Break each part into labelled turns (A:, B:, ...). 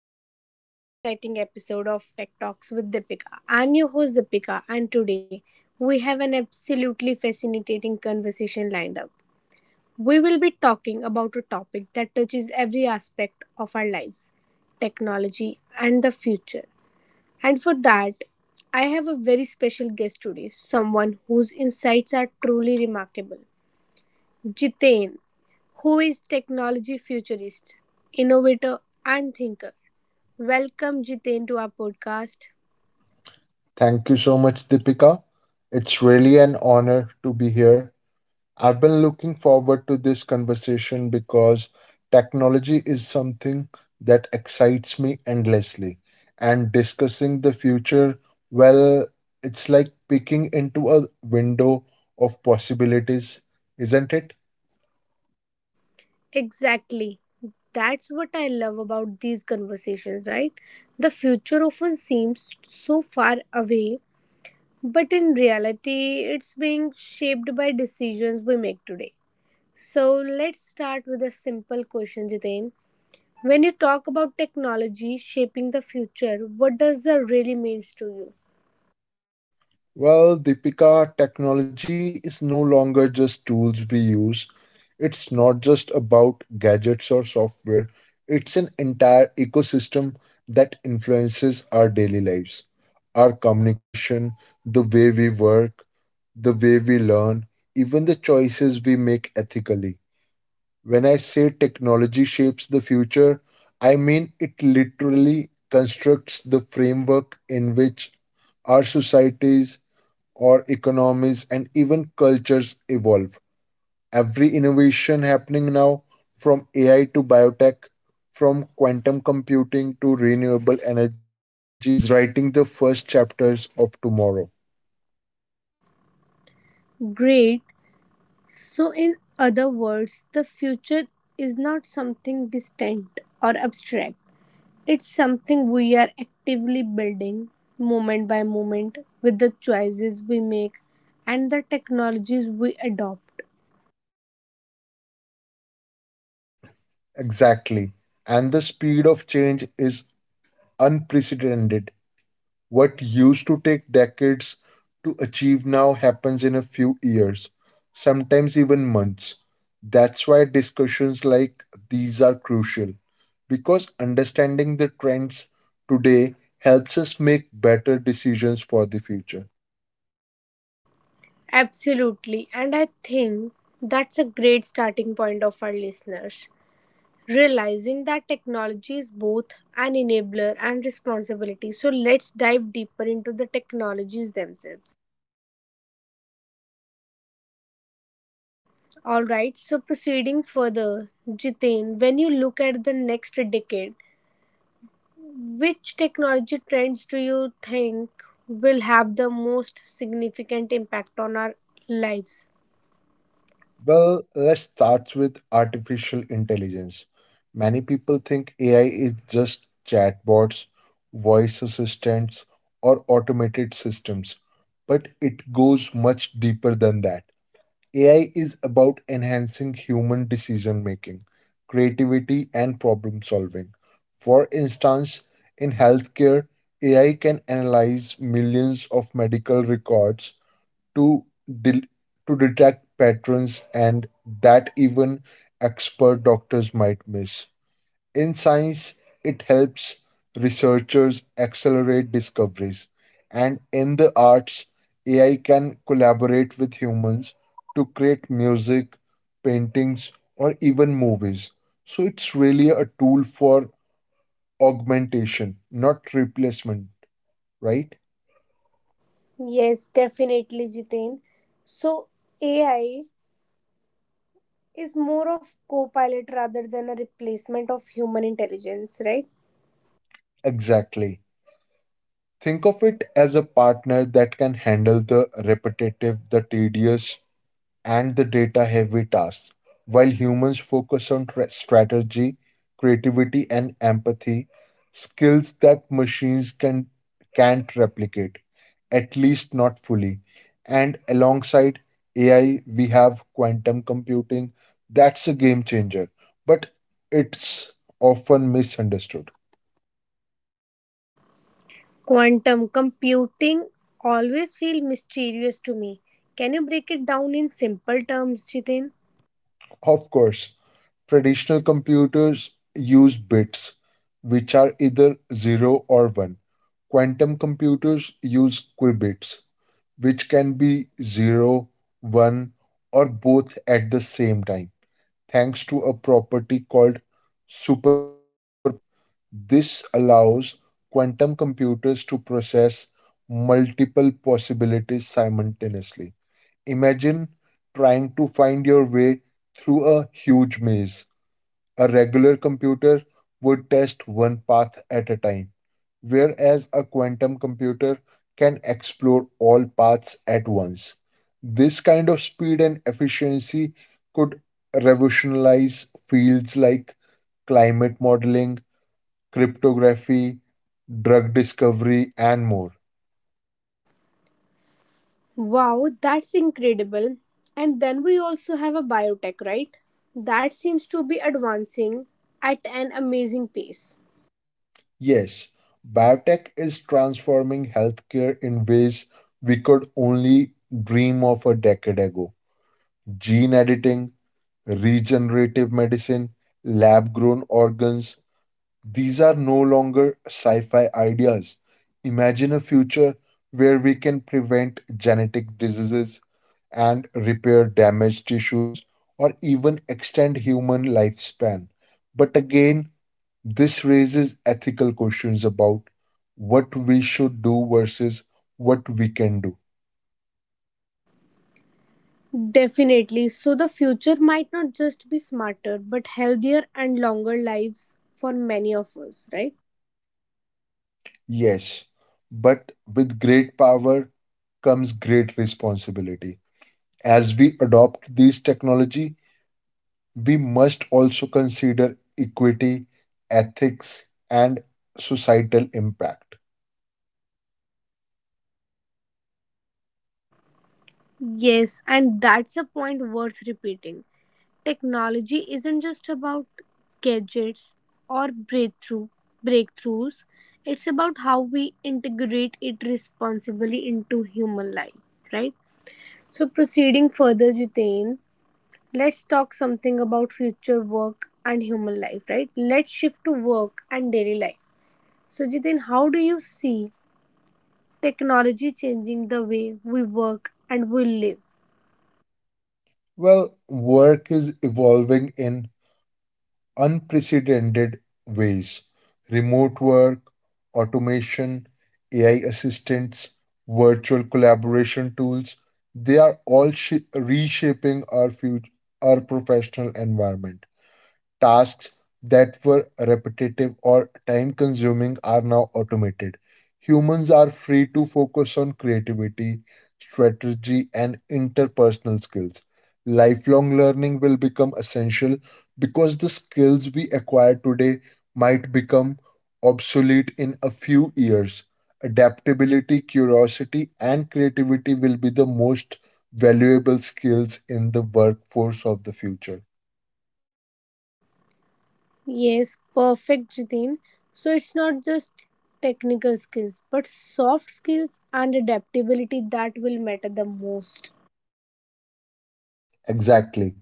A: Welcome to another exciting episode of Tech Talks with Deepika. I'm your host, Deepika, and today we have an absolutely fascinating conversation lined up. We will be talking about a topic that touches every aspect of our lives, technology and the future. And for that, I have a very special guest today, someone whose insights are truly remarkable. Jitain, who is technology futurist, innovator, and thinker. Welcome, Jiten, to our podcast.
B: Thank you so much, Deepika. It's really an honor to be here. I've been looking forward to this conversation because technology is something that excites me endlessly. And discussing the future, well, it's like peeking into a window of possibilities, isn't it?
A: Exactly. That's what I love about these conversations, right? The future often seems so far away, but in reality, it's being shaped by decisions we make today. So let's start with a simple question, Jiten. When you talk about technology shaping the future, what does that really means to you?
B: Deepika, technology is no longer just tools we use. It's not just about gadgets or software, it's an entire ecosystem that influences our daily lives, our communication, the way we work, the way we learn, even the choices we make ethically. When I say technology shapes the future, I mean it literally constructs the framework in which our societies, or economies and even cultures evolve. Every innovation happening now, from AI to biotech, from quantum computing to renewable energy, is writing the first chapters of tomorrow.
A: Great. So, in other words, the future is not something distant or abstract. It's something we are actively building moment by moment with the choices we make and the technologies we adopt.
B: Exactly. And the speed of change is unprecedented. What used to take decades to achieve now happens in a few years, sometimes even months. That's why discussions like these are crucial, because understanding the trends today helps us make better decisions for the future.
A: Absolutely. And I think that's a great starting point of our listeners. Realizing that technology is both an enabler and responsibility. So, let's dive deeper into the technologies themselves. All right, so proceeding further, Jitain, when you look at the next decade, which technology trends do you think will have the most significant impact on our lives?
B: Let's start with artificial intelligence. Many people think AI is just chatbots, voice assistants, or automated systems, but it goes much deeper than that. AI is about enhancing human decision making, creativity, and problem solving. For instance, in healthcare, AI can analyze millions of medical records to del- to detect patterns and that even expert doctors might miss. In science, it helps researchers accelerate discoveries, and in the arts, AI can collaborate with humans to create music, paintings, or even movies. So it's really a tool for augmentation, not replacement, right?
A: Yes, definitely, Jitain. So, AI is more of co-pilot rather than a replacement of human intelligence, right?
B: Exactly. Think of it as a partner that can handle the repetitive, the tedious, and the data heavy tasks, while humans focus on strategy, creativity, and empathy, skills that can't replicate, at least not fully. And alongside AI, we have quantum computing. That's a game changer, but it's often misunderstood.
A: Quantum computing always feel mysterious to me. Can you break it down in simple terms, Jitain?
B: Of course, traditional computers use bits, which are either 0 or 1. Quantum computers use qubits, which can be zero, one, or both at the same time, thanks to a property called superposition. This allows quantum computers to process multiple possibilities simultaneously. Imagine trying to find your way through a huge maze. A regular computer would test one path at a time, whereas a quantum computer can explore all paths at once. This kind of speed and efficiency could revolutionize fields like climate modeling, cryptography, drug discovery, and more.
A: Wow, that's incredible. And then we also have a biotech, right? That seems to be advancing at an amazing pace.
B: Yes, biotech is transforming healthcare in ways we could only dream of a decade ago. Gene editing, regenerative medicine, lab grown organs. These are no longer sci fi ideas. Imagine a future where we can prevent genetic diseases and repair damaged tissues or even extend human lifespan. But again, this raises ethical questions about what we should do versus what we can do.
A: Definitely. So the future might not just be smarter, but healthier and longer lives for many of us, right?
B: Yes, but with great power comes great responsibility. As we adopt these technology, we must also consider equity, ethics, and societal impact.
A: Yes, and that's a point worth repeating. Technology isn't just about gadgets or breakthroughs, it's about how we integrate it responsibly into human life, right? So proceeding further, Jitain, let's talk something about future work and human life, right? Let's shift to work and daily life. So, Jitain, how do you see technology changing the way we work and we live?
B: Work is evolving in unprecedented ways. Remote work, automation, AI assistants, virtual collaboration tools, they are all shi reshaping our future, our professional environment. Tasks that were repetitive or time consuming are now automated. Humans are free to focus on creativity, strategy, and interpersonal skills. Lifelong learning will become essential because the skills we acquire today might become obsolete in a few years. Adaptability, curiosity, and creativity will be the most valuable skills in the workforce of the future.
A: Yes, perfect, Jitin. So it's not just technical skills, but soft skills and adaptability that will matter the most.
B: Exactly.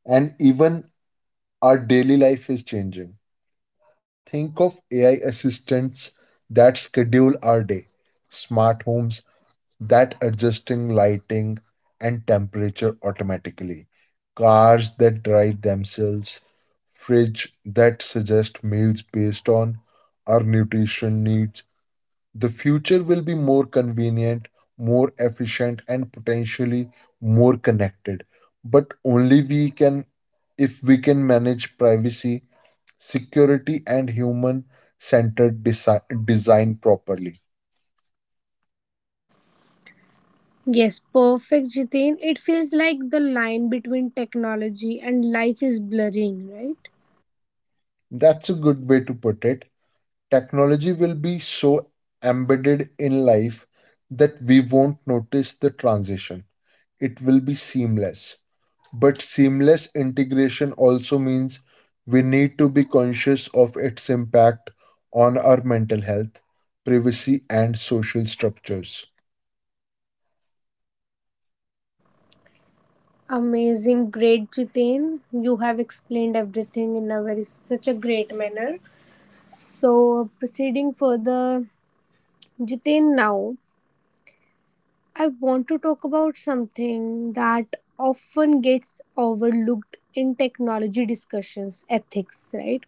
B: And even our daily life is changing. Think of AI assistants that schedule our day, smart homes that adjusting lighting and temperature automatically, cars that drive themselves, fridge that suggest meals based on our nutrition needs, the future will be more convenient, more efficient, and potentially more connected. But only if we can manage privacy, security, and human centered design properly.
A: Yes, perfect, Jitin. It feels like the line between technology and life is blurring, right?
B: That's a good way to put it. Technology will be so embedded in life that we won't notice the transition, it will be seamless. But seamless integration also means we need to be conscious of its impact on our mental health, privacy, and social structures.
A: Amazing, great, Jitin. You have explained everything in a very such a great manner. So proceeding further, Jitin now. I want to talk about something that often gets overlooked in technology discussions, ethics, right?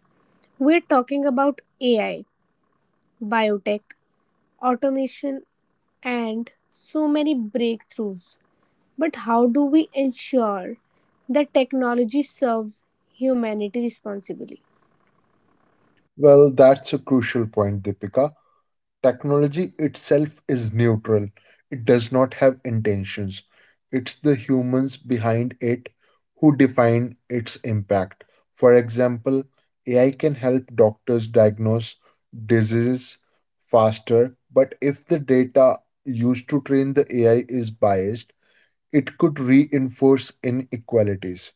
A: We're talking about AI, biotech, automation, and so many breakthroughs. But how do we ensure that technology serves humanity responsibly?
B: That's a crucial point, Deepika. Technology itself is neutral, it does not have intentions. It's the humans behind it who define its impact. For example, AI can help doctors diagnose diseases faster, but if the data used to train the AI is biased, it could reinforce inequalities.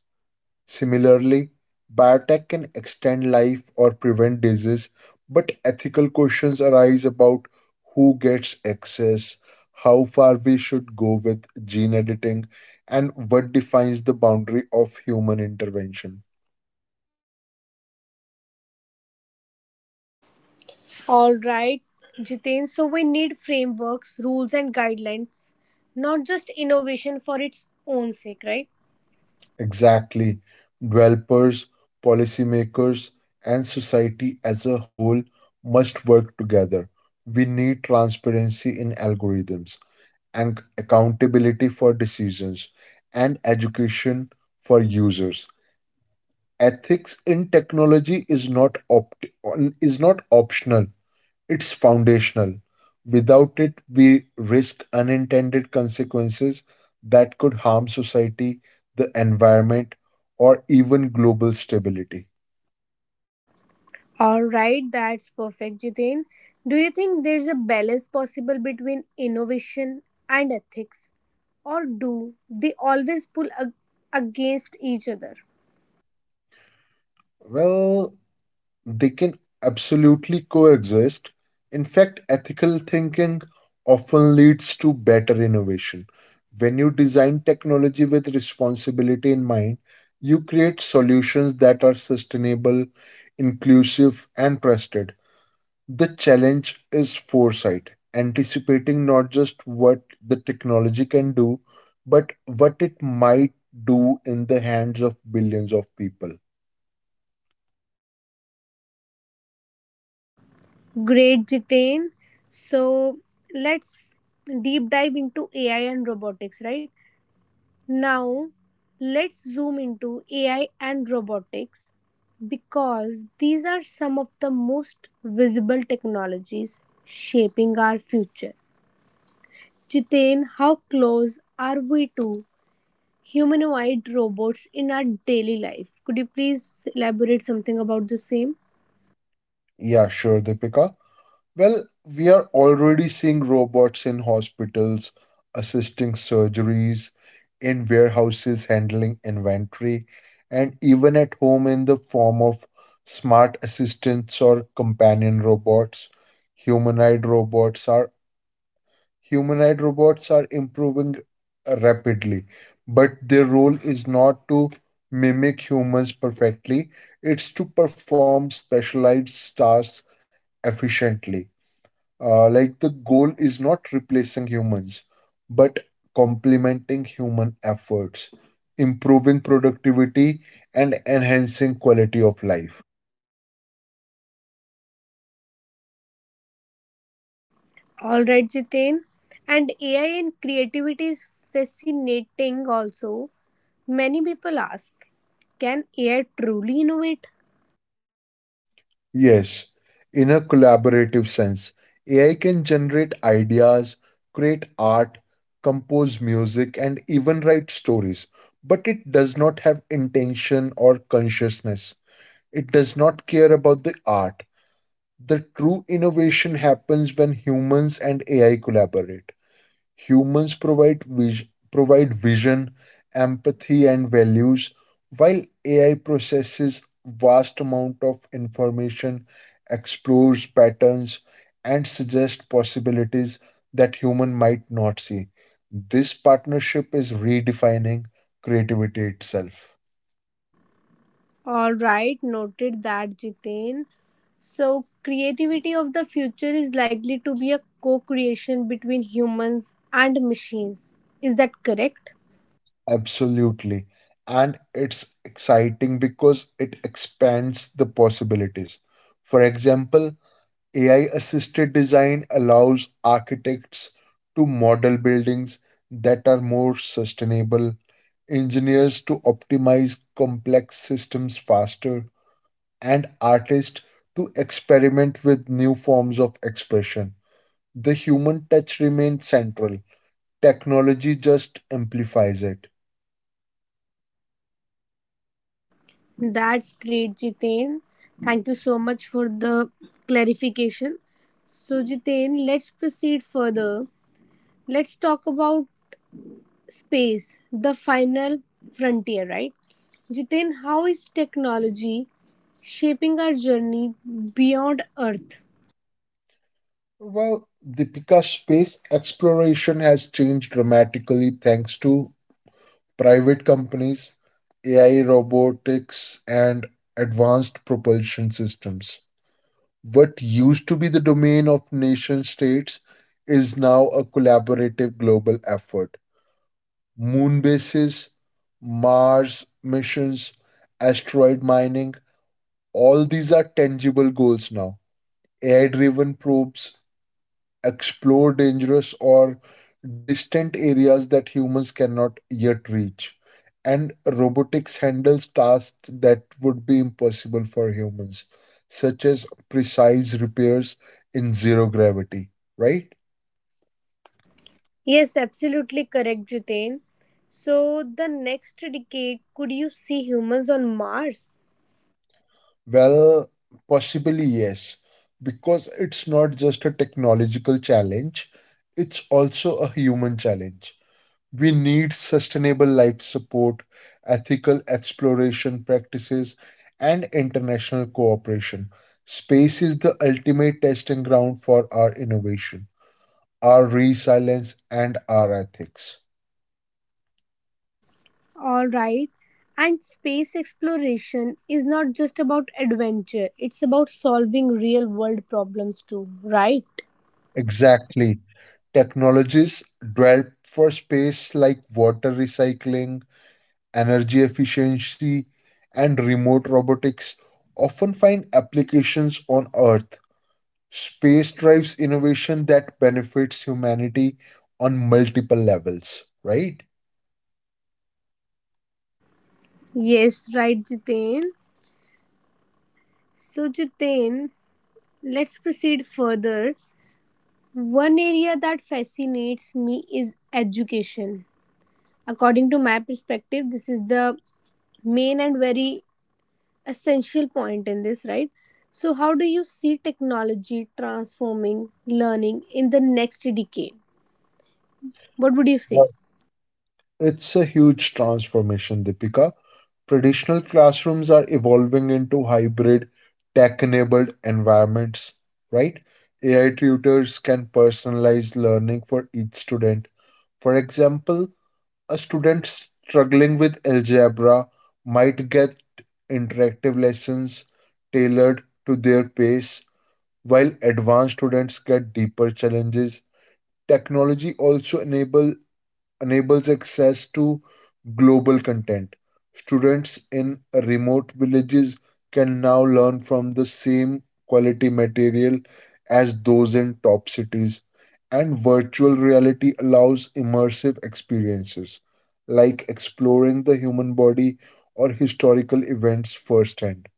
B: Similarly, biotech can extend life or prevent disease, but ethical questions arise about who gets access, how far we should go with gene editing, and what defines the boundary of human intervention.
A: All right, Jitain, so we need frameworks, rules, and guidelines, not just innovation for its own sake, right?
B: Exactly. Developers, policymakers, and society as a whole must work together. We need transparency in algorithms, and accountability for decisions, and education for users. Ethics in technology is not opt- is not optional; it's foundational. Without it, we risk unintended consequences that could harm society, the environment, or even global stability.
A: All right, that's perfect, Jiten. Do you think there's a balance possible between innovation and ethics, or do they always pull against each other?
B: Well, they can absolutely coexist. In fact, ethical thinking often leads to better innovation. When you design technology with responsibility in mind, you create solutions that are sustainable, inclusive, and trusted. The challenge is foresight, anticipating not just what the technology can do, but what it might do in the hands of billions of people.
A: Great, Jiten. So let's deep dive into AI and robotics, right? Now, let's zoom into AI and robotics because these are some of the most visible technologies shaping our future. Jitain, how close are we to humanoid robots in our daily life? Could you please elaborate something about the same?
B: Yeah, sure, Deepika. Well, we are already seeing robots in hospitals assisting surgeries, in warehouses handling inventory, and even at home in the form of smart assistants or companion robots. Humanoid robots are Humanoid robots are improving rapidly, but their role is not to mimic humans perfectly, it's to perform specialized tasks efficiently. Like the goal is not replacing humans, but complementing human efforts, improving productivity, and enhancing quality of life.
A: All right, Jitain. And AI and creativity is fascinating also. Many people ask, can AI truly innovate?
B: Yes, in a collaborative sense, AI can generate ideas, create art, compose music, and even write stories, but it does not have intention or consciousness. It does not care about the art. The true innovation happens when humans and AI collaborate. Humans provide vision, empathy, and values, while AI processes vast amount of information, explores patterns, and suggests possibilities that human might not see. This partnership is redefining creativity itself.
A: All right, noted that, Jitain. So, creativity of the future is likely to be a co creation between humans and machines. Is that correct?
B: Absolutely. And it's exciting because it expands the possibilities. For example, AI assisted design allows architects to model buildings that are more sustainable, engineers to optimize complex systems faster, and artists to experiment with new forms of expression. The human touch remains central, technology just amplifies it.
A: That's great, Jitain. Thank you so much for the clarification. So, Jitain, let's proceed further. Let's talk about space, the final frontier, right? Jitain, how is technology shaping our journey beyond Earth?
B: Well, Deepika's space exploration has changed dramatically thanks to private companies, AI robotics, and advanced propulsion systems. What used to be the domain of nation states is now a collaborative global effort. Moon bases, Mars missions, asteroid mining, all these are tangible goals now. Air driven probes explore dangerous or distant areas that humans cannot yet reach. And robotics handles tasks that would be impossible for humans, such as precise repairs in zero gravity, right?
A: Yes, absolutely correct, Jitain. So, the next decade, could you see humans on Mars?
B: Well, possibly yes, because it's not just a technological challenge, it's also a human challenge. We need sustainable life support, ethical exploration practices, and international cooperation. Space is the ultimate testing ground for our innovation, our resilience, and our ethics.
A: All right. And space exploration is not just about adventure, it's about solving real world problems too, right?
B: Exactly. Technologies developed for space like water recycling, energy efficiency, and remote robotics often find applications on Earth. Space drives innovation that benefits humanity on multiple levels, right?
A: Yes, right, Jitain. So, Jitain, let's proceed further. One area that fascinates me is education. According to my perspective, this is the main and very essential point in this, right? So, how do you see technology transforming learning in the next decade? What would you say?
B: Right. It's a huge transformation, Deepika. Traditional classrooms are evolving into hybrid, tech enabled environments, right? AI tutors can personalize learning for each student. For example, a student struggling with algebra might get interactive lessons tailored to their pace. While advanced students get deeper challenges, technology also enables access to global content. Students in remote villages can now learn from the same quality material as those in top cities, and virtual reality allows immersive experiences like exploring the human body or historical events firsthand.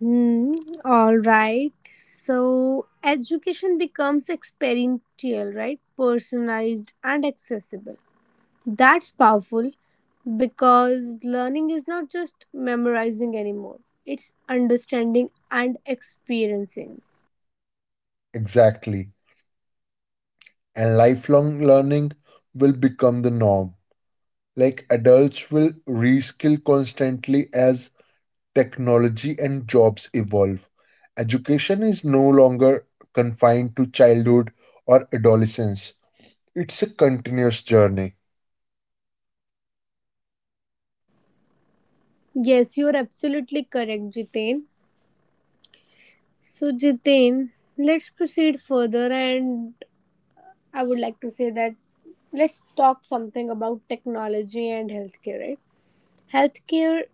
A: Hmm, all right. So education becomes experiential, right? Personalized and accessible. That's powerful because learning is not just memorizing anymore, it's understanding and experiencing.
B: Exactly. And lifelong learning will become the norm. Like adults will reskill constantly as technology and jobs evolve. Education is no longer confined to childhood or adolescence, it's a continuous journey.
A: Yes, you are absolutely correct, Jitain. So, Jitain, let's proceed further, and I would like to say that let's talk something about technology and healthcare, right? Healthcare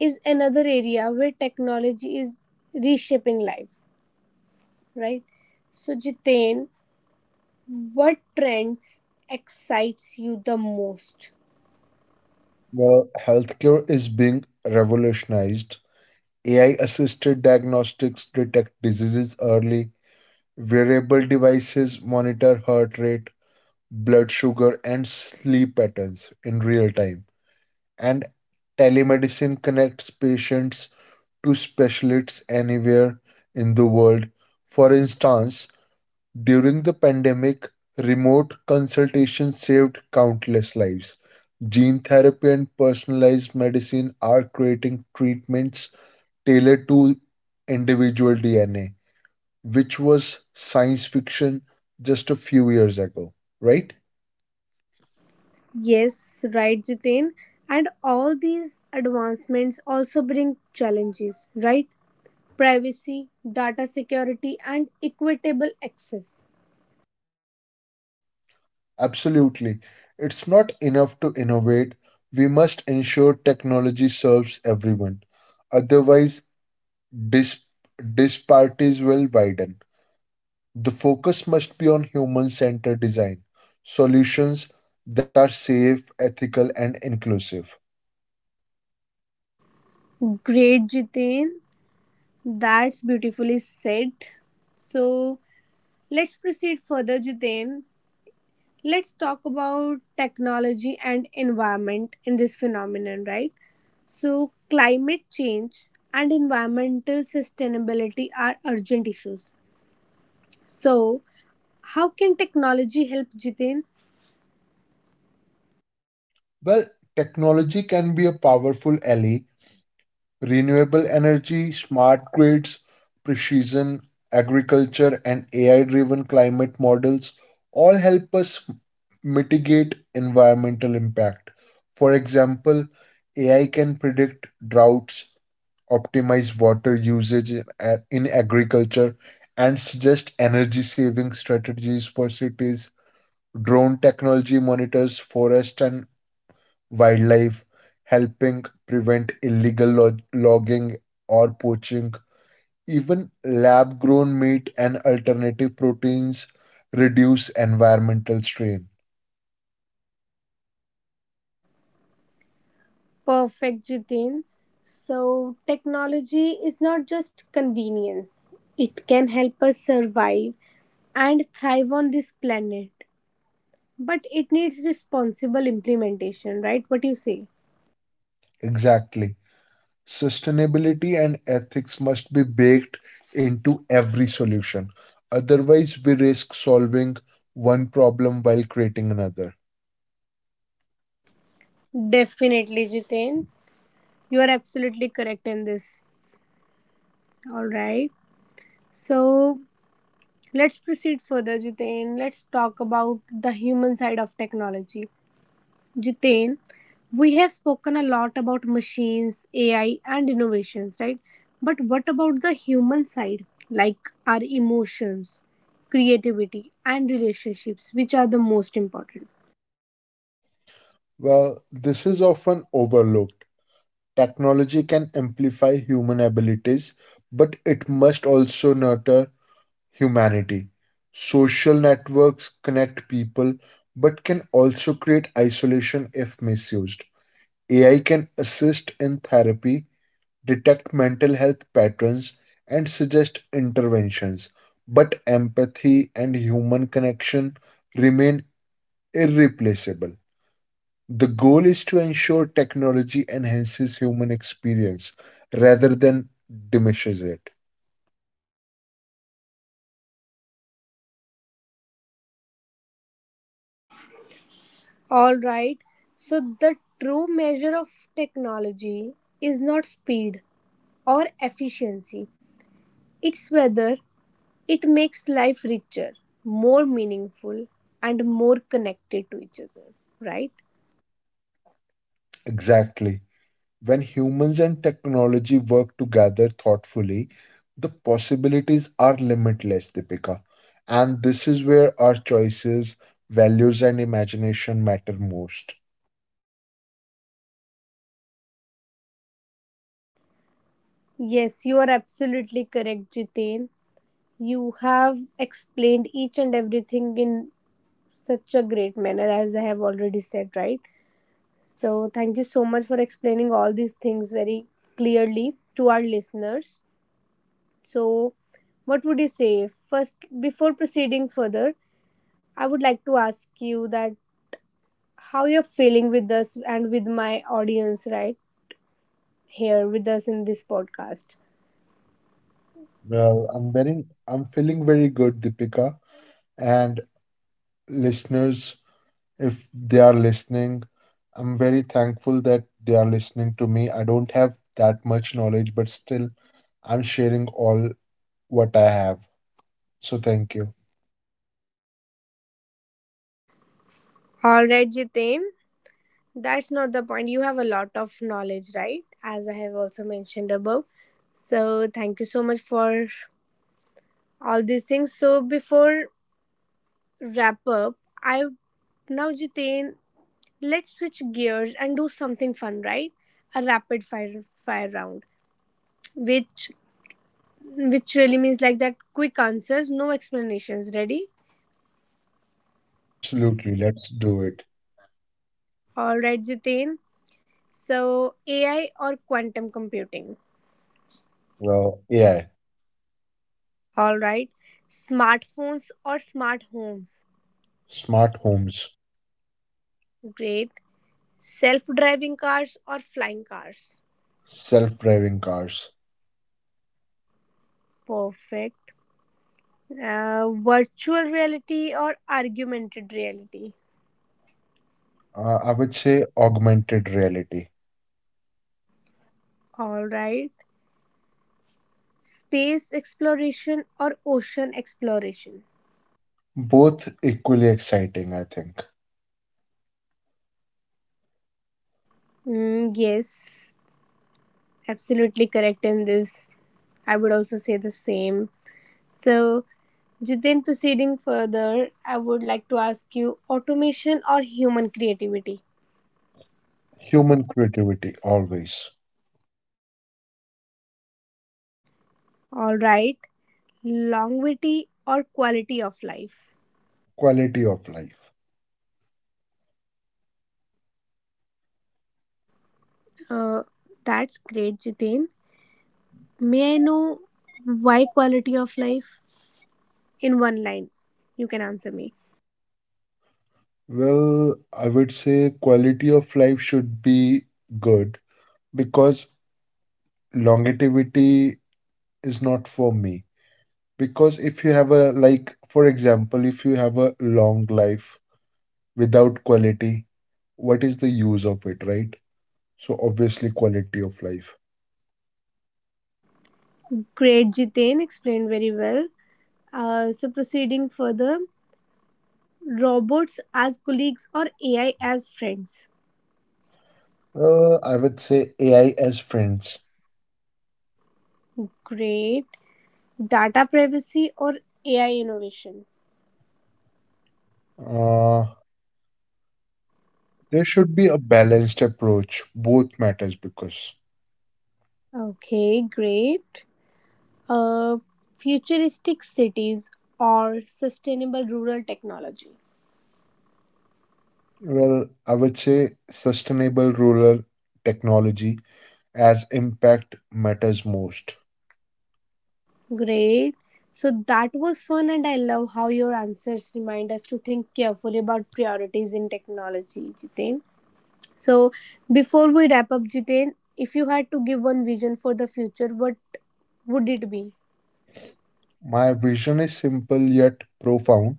A: is another area where technology is reshaping lives, right? So, Jitain, what trends excites you the most?
B: Well, healthcare is being revolutionized. AI assisted diagnostics detect diseases early, wearable devices monitor heart rate, blood sugar, and sleep patterns in real time, and telemedicine connects patients to specialists anywhere in the world. For instance, during the pandemic, remote consultations saved countless lives. Gene therapy and personalized medicine are creating treatments tailored to individual DNA, which was science fiction just a few years ago, right?
A: Yes, right, Jitain. And all these advancements also bring challenges, right? Privacy, data security, and equitable access.
B: Absolutely. It's not enough to innovate. We must ensure technology serves everyone. Otherwise, dis- disparities will widen. The focus must be on human centered design, solutions that are safe, ethical, and inclusive.
A: Great, Jitain. That's beautifully said. So, let's proceed further, Jitain. Let's talk about technology and environment in this phenomenon, right? So climate change and environmental sustainability are urgent issues. So how can technology help, Jitin?
B: Well, technology can be a powerful ally, renewable energy, smart grids, precision agriculture, and AI driven climate models all help us mitigate environmental impact. For example, AI can predict droughts, optimize water usage in agriculture, and suggest energy saving strategies for cities. Drone technology monitors forest and wildlife, helping prevent logging or poaching. Even lab grown meat and alternative proteins reduce environmental strain.
A: Perfect, Jitin. So technology is not just convenience, it can help us survive and thrive on this planet, but it needs responsible implementation, right? What do you say?
B: Exactly. Sustainability and ethics must be baked into every solution. Otherwise, we risk solving one problem while creating another.
A: Definitely, Jitin. You are absolutely correct in this. All right. So let's proceed further, Jitain. Let's talk about the human side of technology. Jitain, we have spoken a lot about machines, AI, and innovations, right? But what about the human side, like our emotions, creativity, and relationships, which are the most important?
B: Well, this is often overlooked. Technology can amplify human abilities, but it must also nurture humanity. Social networks connect people, but can also create isolation if misused. AI can assist in therapy, detect mental health patterns, and suggest interventions, but empathy and human connection remain irreplaceable. The goal is to ensure technology enhances human experience rather than diminishes it.
A: All right. So the true measure of technology is not speed or efficiency. It's whether it makes life richer, more meaningful, and more connected to each other, right?
B: Exactly. When humans and technology work together thoughtfully, the possibilities are limitless, Deepika. And this is where our choices, values, and imagination matter most.
A: Yes, you are absolutely correct, Jitain. You have explained each and everything in such a great manner, as I have already said, right? So, thank you so much for explaining all these things very clearly to our listeners. So, what would you say? First, before proceeding further, I would like to ask you that how you're feeling with us and with my audience right here with us in this podcast.
B: I'm feeling very good, Deepika, and listeners, if they are listening. I'm very thankful that they are listening to me. I don't have that much knowledge, but still, I'm sharing all what I have. So thank you.
A: All right, Jitain, that's not the point. You have a lot of knowledge, right? As I have also mentioned above. So, thank you so much for all these things. So, before wrap up, I now, Jitain, let's switch gears and do something fun, right? A rapid fire round, which which really means like that quick answers, no explanations. Ready?
B: Absolutely. Let's do it.
A: All right, Jitain. So, AI or quantum computing?
B: Well, yeah,
A: All right. Smartphones or smart homes?
B: smart homes,
A: Great. Self driving cars or flying cars?
B: self driving cars.
A: Perfect. Virtual reality or augmented reality?
B: I would say augmented reality.
A: All right. Space exploration or ocean exploration?
B: Both equally exciting, I think.
A: Mm, yes, absolutely correct in this. I would also say the same. So, Jiten, proceeding further, I would like to ask you automation or human creativity?
B: Human creativity, always.
A: All right, longevity or quality of life?
B: Quality of life.
A: Uh, that's great, Jiten. May I know why quality of life? In one line, you can answer me.
B: Well, I would say quality of life should be good because longevity is not for me. Because if you have a, like, for example, if you have a long life without quality, what is the use of it, right? So, obviously, quality of life.
A: Great, Jiten explained very well. So, proceeding further, robots as colleagues or AI as friends?
B: I would say AI as friends.
A: Great. Data privacy or AI innovation?
B: Uh, there should be a balanced approach. Both matters because,
A: Okay, great. Uh, Futuristic cities or sustainable rural technology?
B: well, I would say sustainable rural technology as impact matters most.
A: Great. So that was fun, and I love how your answers remind us to think carefully about priorities in technology, Jitain. So before we wrap up, Jitain, if you had to give one vision for the future, what would it be?
B: My vision is simple yet profound.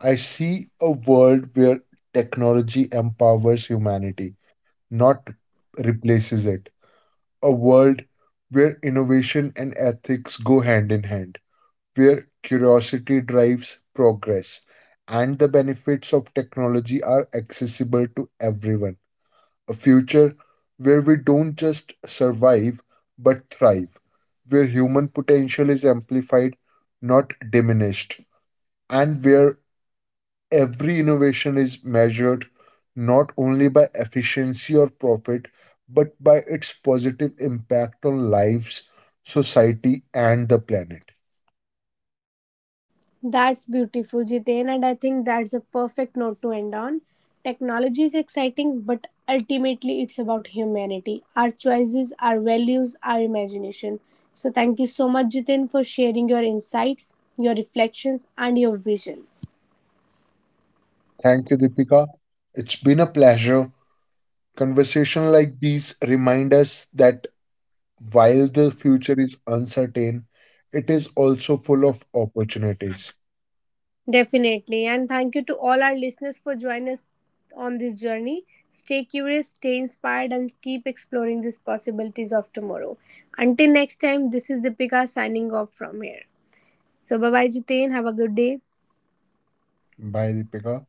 B: I see a world where technology empowers humanity, not replaces it. A world where innovation and ethics go hand in hand, where curiosity drives progress, and the benefits of technology are accessible to everyone. A future where we don't just survive but thrive, where human potential is amplified, not diminished, and where every innovation is measured not only by efficiency or profit, but by its positive impact on lives, society, and the planet.
A: That's beautiful, Jiten, and I think that's a perfect note to end on. Technology is exciting, but ultimately it's about humanity, our choices, our values, our imagination. So, thank you so much, Jiten, for sharing your insights, your reflections, and your vision.
B: Thank you, Deepika. It's been a pleasure. Conversation like these remind us that while the future is uncertain, it is also full of opportunities.
A: Definitely, and thank you to all our listeners for joining us on this journey. Stay curious, stay inspired, and keep exploring these possibilities of tomorrow. Until next time, this is Deepika signing off from here. So, bye bye, Jiten. Have a good day.
B: Bye, Deepika.